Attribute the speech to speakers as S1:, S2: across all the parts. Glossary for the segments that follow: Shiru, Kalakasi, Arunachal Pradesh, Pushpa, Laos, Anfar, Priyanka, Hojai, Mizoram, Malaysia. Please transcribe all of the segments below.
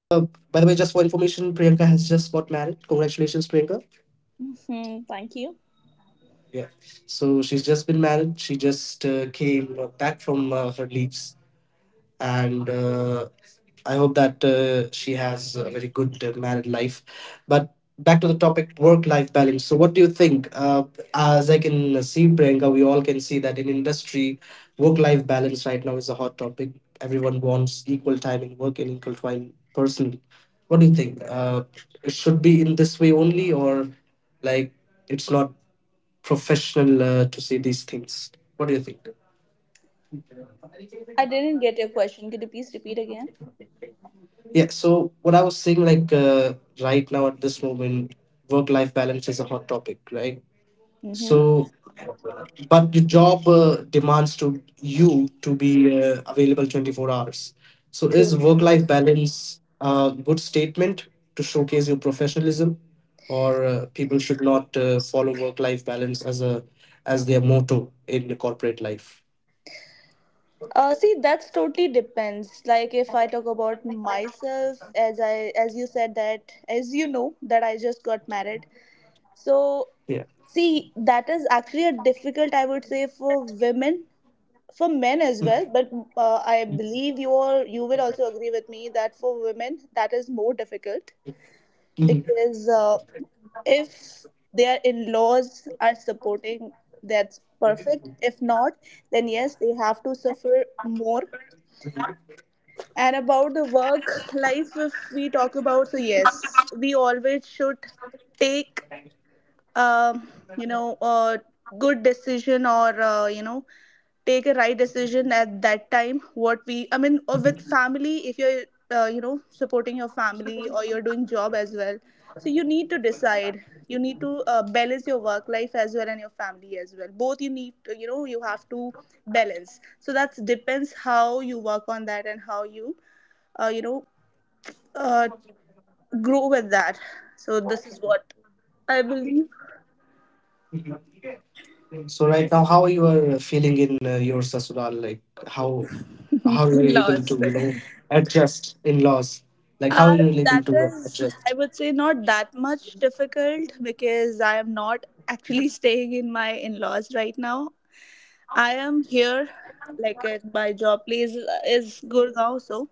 S1: by the way, just for information, Priyanka has just got married. Congratulations, Priyanka.
S2: Mm-hmm. Thank you.
S1: Yeah. So she's just been married. She just came back from her leaves and I hope that she has a very good married life. But back to the topic, work-life balance. So, what do you think? As I can see, Priyanka, we all can see that in industry, work-life balance right now is a hot topic. Everyone wants equal time in work and equal time personally. What do you think? It should be in this way only, or like it's not professional to say these things. What do you think?
S2: I didn't get your question. Could you please repeat again?
S1: Yeah, so what I was saying, right now at this moment, work life balance is a hot topic, right?
S2: Mm-hmm.
S1: So, but the job demands to you to be available 24 hours. So, is
S2: True.
S1: work life balance a good statement to showcase your professionalism, or people should not follow work life balance as a as their motto in the corporate life?
S2: See, that's totally depends. Like if I talk about myself, as you said that, as you know that I just got married. So
S1: Yeah.
S2: see, that is actually a difficult I would say for women, for men as well. But I believe you will also agree with me that for women that is more difficult
S1: Mm-hmm.
S2: because if their in-laws are supporting, that's perfect. If not, then yes, they have to suffer more. And about the work life, if we talk about, so yes, we always should take um, a good decision, or take a right decision at that time, what we I mean, or with family. If you're supporting your family, or you're doing job as well, so you need to decide. You need to balance your work life as well and your family as well, both you need to, you have to balance. So that depends how you work on that and how you you know uh, grow with that. So this is what I believe.
S1: So right now, how you are feeling in your sasural? Like how
S2: In
S1: how are you able to
S2: laws.
S1: adjust in laws? Like how are
S2: Uh,
S1: you
S2: that
S1: able to
S2: is, I
S1: adjust?
S2: would say, not that much difficult because I am not actually staying in my in-laws right now. I am here, like my job place is Gurgaon, so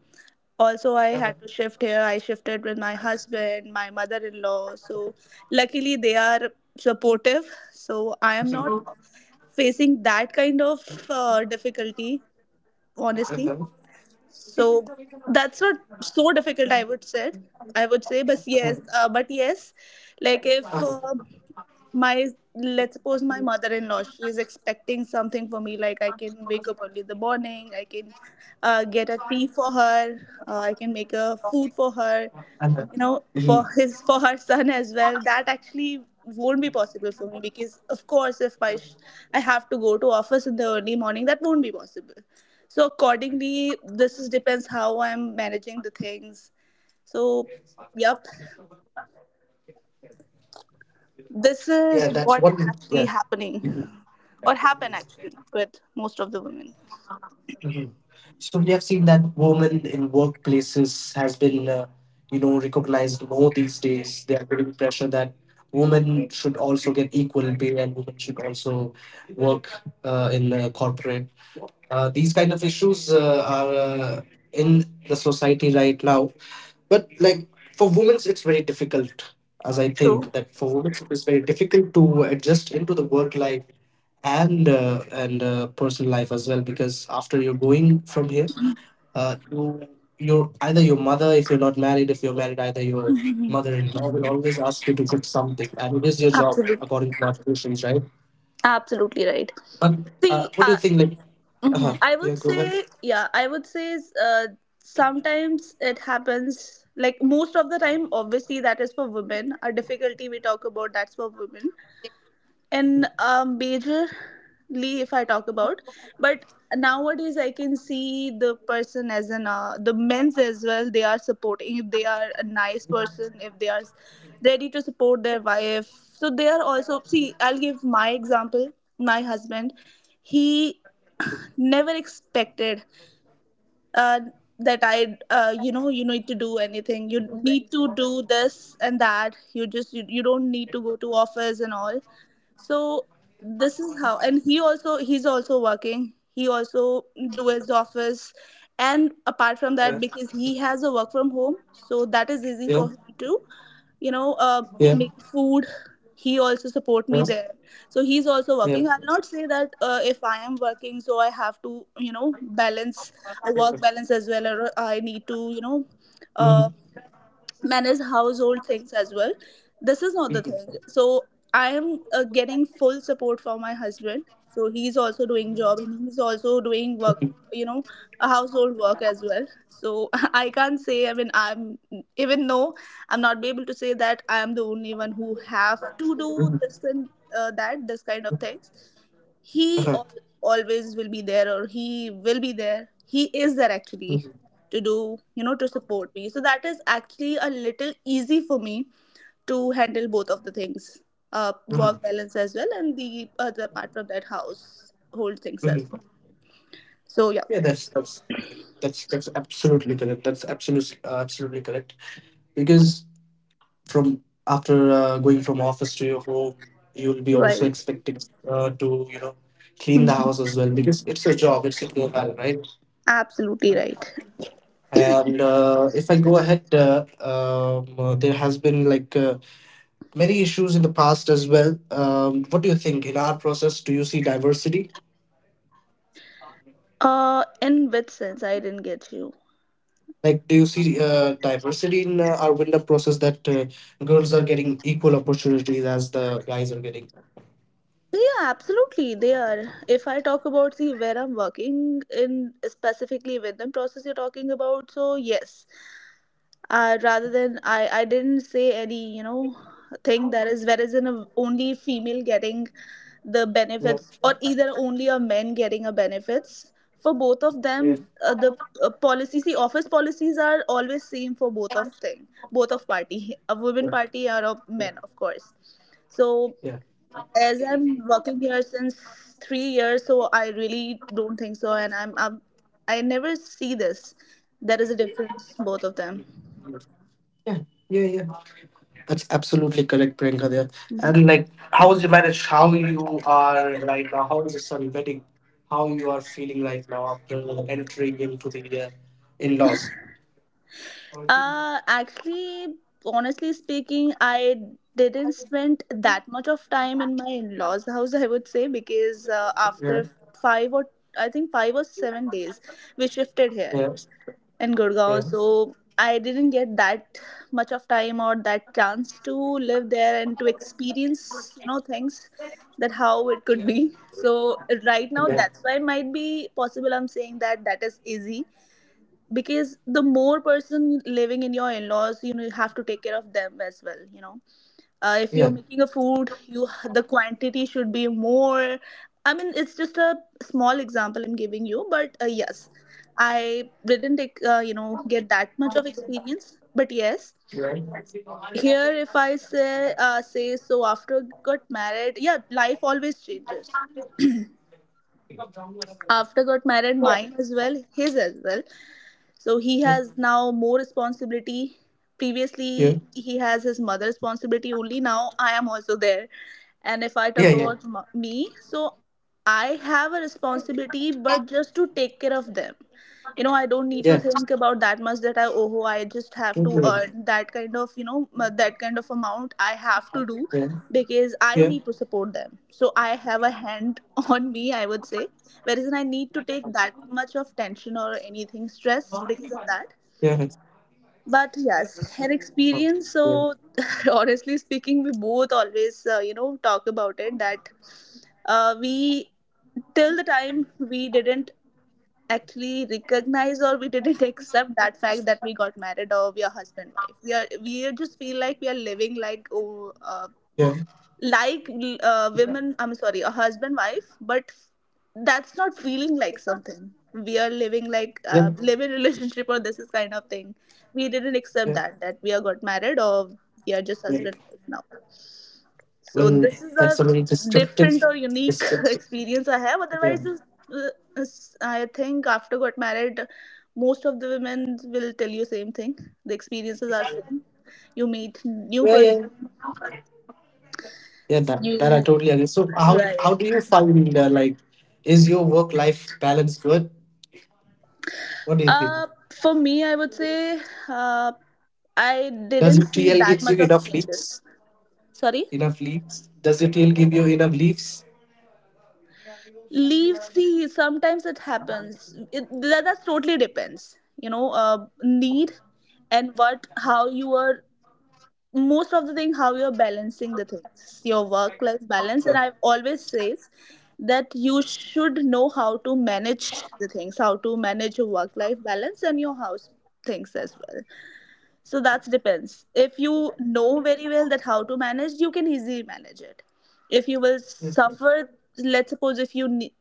S2: also I
S1: Uh-huh.
S2: had to shift here. I shifted with my husband, my mother-in-law, so luckily they are supportive. So I am not
S1: Mhm.
S2: facing that kind of difficulty, honestly.
S1: Uh-huh.
S2: So that's not so difficult, I would say. But yes, but yes, like if my let's suppose my mother-in-law, she is expecting something for me. Like I can wake up early in the morning, I can get a tea for her, I can make a food for her,
S1: Uh-huh.
S2: you know,
S1: Mhm.
S2: for her son as well. That actually won't be possible for me because, of course, if my I have to go to office in the early morning, that won't be possible. So accordingly, this is depends how I'm managing the things. So yep, this is
S1: Yeah, that's
S2: what
S1: one.
S2: actually
S1: Yeah. Mm-hmm.
S2: happening, or happen actually with most of the women.
S1: Mhm. So we have seen that women in workplaces has been, recognized more these days. They are getting pressure that women should also get equal pay and women should also work in corporate. These kind of issues are in the society right now, but for women, it's very difficult. As I
S2: True.
S1: think that for women, it's very difficult to adjust into the work life and personal life as well because after you're going from here you your either your mother if you're not married if you're married either your mother-in-law will always ask you to cook something and it is your job
S2: Absolutely.
S1: according to our traditions, right?
S2: Absolutely right.
S1: But
S2: See,
S1: what do you think
S2: hmm, I would
S1: yeah, go ahead.
S2: say, yeah, I would say uh, sometimes it happens, like most of the time, obviously, that is for women. A difficulty we talk about, that's for women. And majorly, if I talk about, but nowadays I can see the person as an, the men's as well, they are supporting, if they are a nice person, if they are ready to support their wife. So they are also, see, I'll give my example, my husband. He never expected uh, that I, you know, you need to do anything. You need to do this and that. You just you don't need to go to office and all. So this is how. And he's also working. He also do his office, and apart from that,
S1: Yeah.
S2: because he has a work from home, so that is easy
S1: Yeah.
S2: for him too. You know, make food, he also support me
S1: Yeah.
S2: there. So he's also
S1: Yeah, yeah.
S2: working. I'll not say that if I am working, so I have to, you know, balance a work balance as well, or I need to, you know, uh,
S1: Mhm.
S2: manage household things as well. This is not the thing.
S1: Mhm.
S2: So I am getting full support from my husband. So he's also doing job, and he's also doing work,
S1: Mhm.
S2: you know, household work as well. So I can't say, I mean, I'm, even though I'm not be able to say that I am the only one who have to do this, and that this kind of things. he
S1: Uh-huh.
S2: al- always will be there, or he will be there, he is there actually
S1: Mhm.
S2: to do, you know, to support me. So that is actually a little easy for me to handle both of the things, work
S1: Mhm.
S2: balance as well, and the other, apart from that, household things as
S1: Mhm.
S2: well. So yeah.
S1: Yeah, that's absolutely correct. That's absolutely absolutely correct. Because from after going from office to your home, you'll be also
S2: Right.
S1: expecting to clean the house
S2: Mhm.
S1: as well because it's a job, it's a profile, right?
S2: Absolutely right.
S1: And if I go ahead, there has been many issues in the past as well. What do you think in our process? Do you see diversity?
S2: In which sense? I didn't get you.
S1: Like, do you see diversity in our window process that girls are getting equal opportunities as the guys are getting?
S2: Yeah, absolutely. They are. If I talk about, see where I'm working in specifically with them process you're talking about, so yes. Rather than I didn't say any, you know, thing that is, whereas in a, only female getting the
S1: Yeah,
S2: benefits, or either only a men getting a benefits for both of
S1: yeah,
S2: them, the policy, see, office policies are always same for both of thing, both of party, a women
S1: yeah,
S2: party or a
S1: yeah,
S2: men, of course. So
S1: yeah,
S2: as I'm working here since 3 years, so I really don't think so. And I never see this, there is a difference, both of them.
S1: yeah, yeah. That's absolutely correct, Priyanka. There
S2: Mm-hmm.
S1: and like, how is your marriage? How you are right now? How is your son wedding? How you are feeling right now after entering into the in-laws? Yeah,
S2: Actually, honestly speaking, I didn't spend that much of time in my in-laws' house, I would say, because after five or I think 5 or 7 days, we shifted here
S1: yeah,
S2: in
S1: yeah,
S2: Gurgaon. So I didn't get that much of time or that chance to live there and to experience, you know, things that how it could be. So right now, that's why might be possible. I'm saying that that is easy because the more person living in your in-laws, you know, you have to take care of them as well, you know, if you're
S1: yeah,
S2: making a food, you, the quantity should be more. I mean, it's just a small example I'm giving you, but yes, I didn't take, you know, get that much of experience. But yes,
S1: yeah,
S2: here if I say, so after got married, yeah, life always changes. After got married, mine as well, his as well. So he
S1: yeah.
S2: has now more responsibility.
S1: Yeah.
S2: Previously he has his mother's responsibility only, now I am also there. And if I
S1: Yeah,
S2: talk
S1: yeah.
S2: about me, so I have a responsibility, but just to take care of them. You know, I don't need to
S1: Yeah.
S2: think about that much that, I, oh, I just have to
S1: Totally.
S2: earn that kind of, you know, that kind of amount I have to do.
S1: Yeah.
S2: Because I
S1: Yeah.
S2: need to support them, so I have a hand on me, I would say. Whereas I need to take that much of tension or anything stress because of that.
S1: Yeah.
S2: But yes, her
S1: Uh-huh.
S2: experience
S1: Yeah. Right.
S2: so. Honestly speaking, we both always you know, talk about it that we till the time we didn't actually recognize, or we didn't accept that fact that we got married, or we are husband wife. We just feel like we are living like, oh,
S1: Yeah.
S2: like women I'm sorry, a husband wife. But that's not feeling like something, we are living like,
S1: Yeah.
S2: live in relationship, or this is kind of thing. We didn't accept
S1: Yeah.
S2: that, that we are got married, or we are just
S1: Yeah.
S2: husband wife now. So
S1: Well,
S2: this is
S1: that's a very
S2: a different
S1: descriptive
S2: or unique
S1: descriptive.
S2: experience I have.
S1: Yeah.
S2: Otherwise, uh, I think after got married, most of the women will tell you same thing. The experiences are same. You meet new
S1: Yeah, yeah.
S2: person.
S1: Yeah, that I
S2: You,
S1: totally agree. So
S2: right.
S1: how do you find is your work life balance good? What do you think?
S2: Uh, for me, I would say uh, I
S1: Does
S2: didn't
S1: your
S2: see
S1: TL
S2: that
S1: gives you
S2: much of
S1: enough
S2: changes.
S1: leaves?
S2: Sorry.
S1: Enough leaves? Does your TL give you enough leaves?
S2: Leave, see sometimes it happens, that, that's totally depends, you know, need, and what, how you are, most of the thing, how you're balancing the things, your work life balance.
S1: Yeah.
S2: And I've always says that you should know how to manage the things, how to manage your work life balance and your house things as well. So that depends. If you know very well that how to manage, you can easily manage it. If you will
S1: Yeah.
S2: suffer, let's suppose if you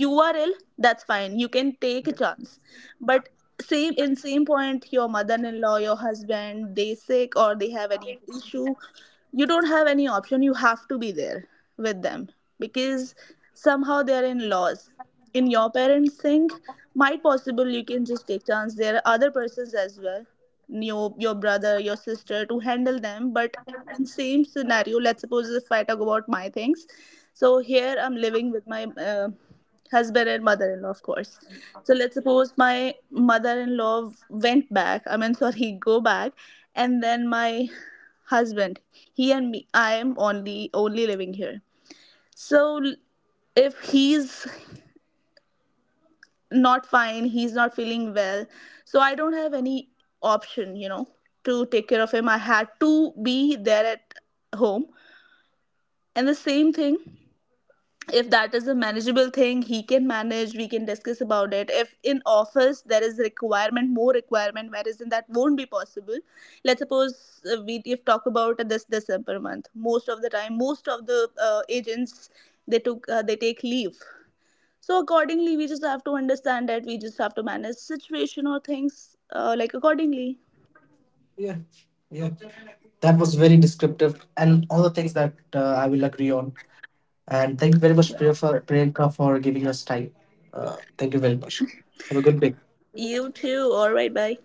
S2: you are ill, that's fine, you can take a chance. But same in same point, your mother-in-law, your husband, they sick or they have any issue, you don't have any option, you have to be there with them. Because somehow they are in laws, in your parents thing, might possible you can just take chance, there are other persons as well, your brother, your sister, to handle them. But in same scenario, let's suppose if I talk about my things, so here I'm living with my husband and mother-in-law, of course. So let's suppose my mother-in-law went back, I mean sorry, go back, and then my husband, he and me I am only living here. So if he's not fine, he's not feeling well, so I don't have any option, you know, to take care of him, I had to be there at home. And the same thing, if that is a manageable thing, he can manage, we can discuss about it. If in office there is requirement, more requirement, whereas in, that won't be possible. Let's suppose we if talk about this December month, most of the time, most of the agents, they took, they take leave. So accordingly, we just have to understand that we just have to manage situation or things, like accordingly.
S1: Yeah, yeah. That was very descriptive, and all the things that I will agree on. And thank you very much, Priyanka for giving us time. Thank you very much. Have a good day.
S2: You too, all right, bye.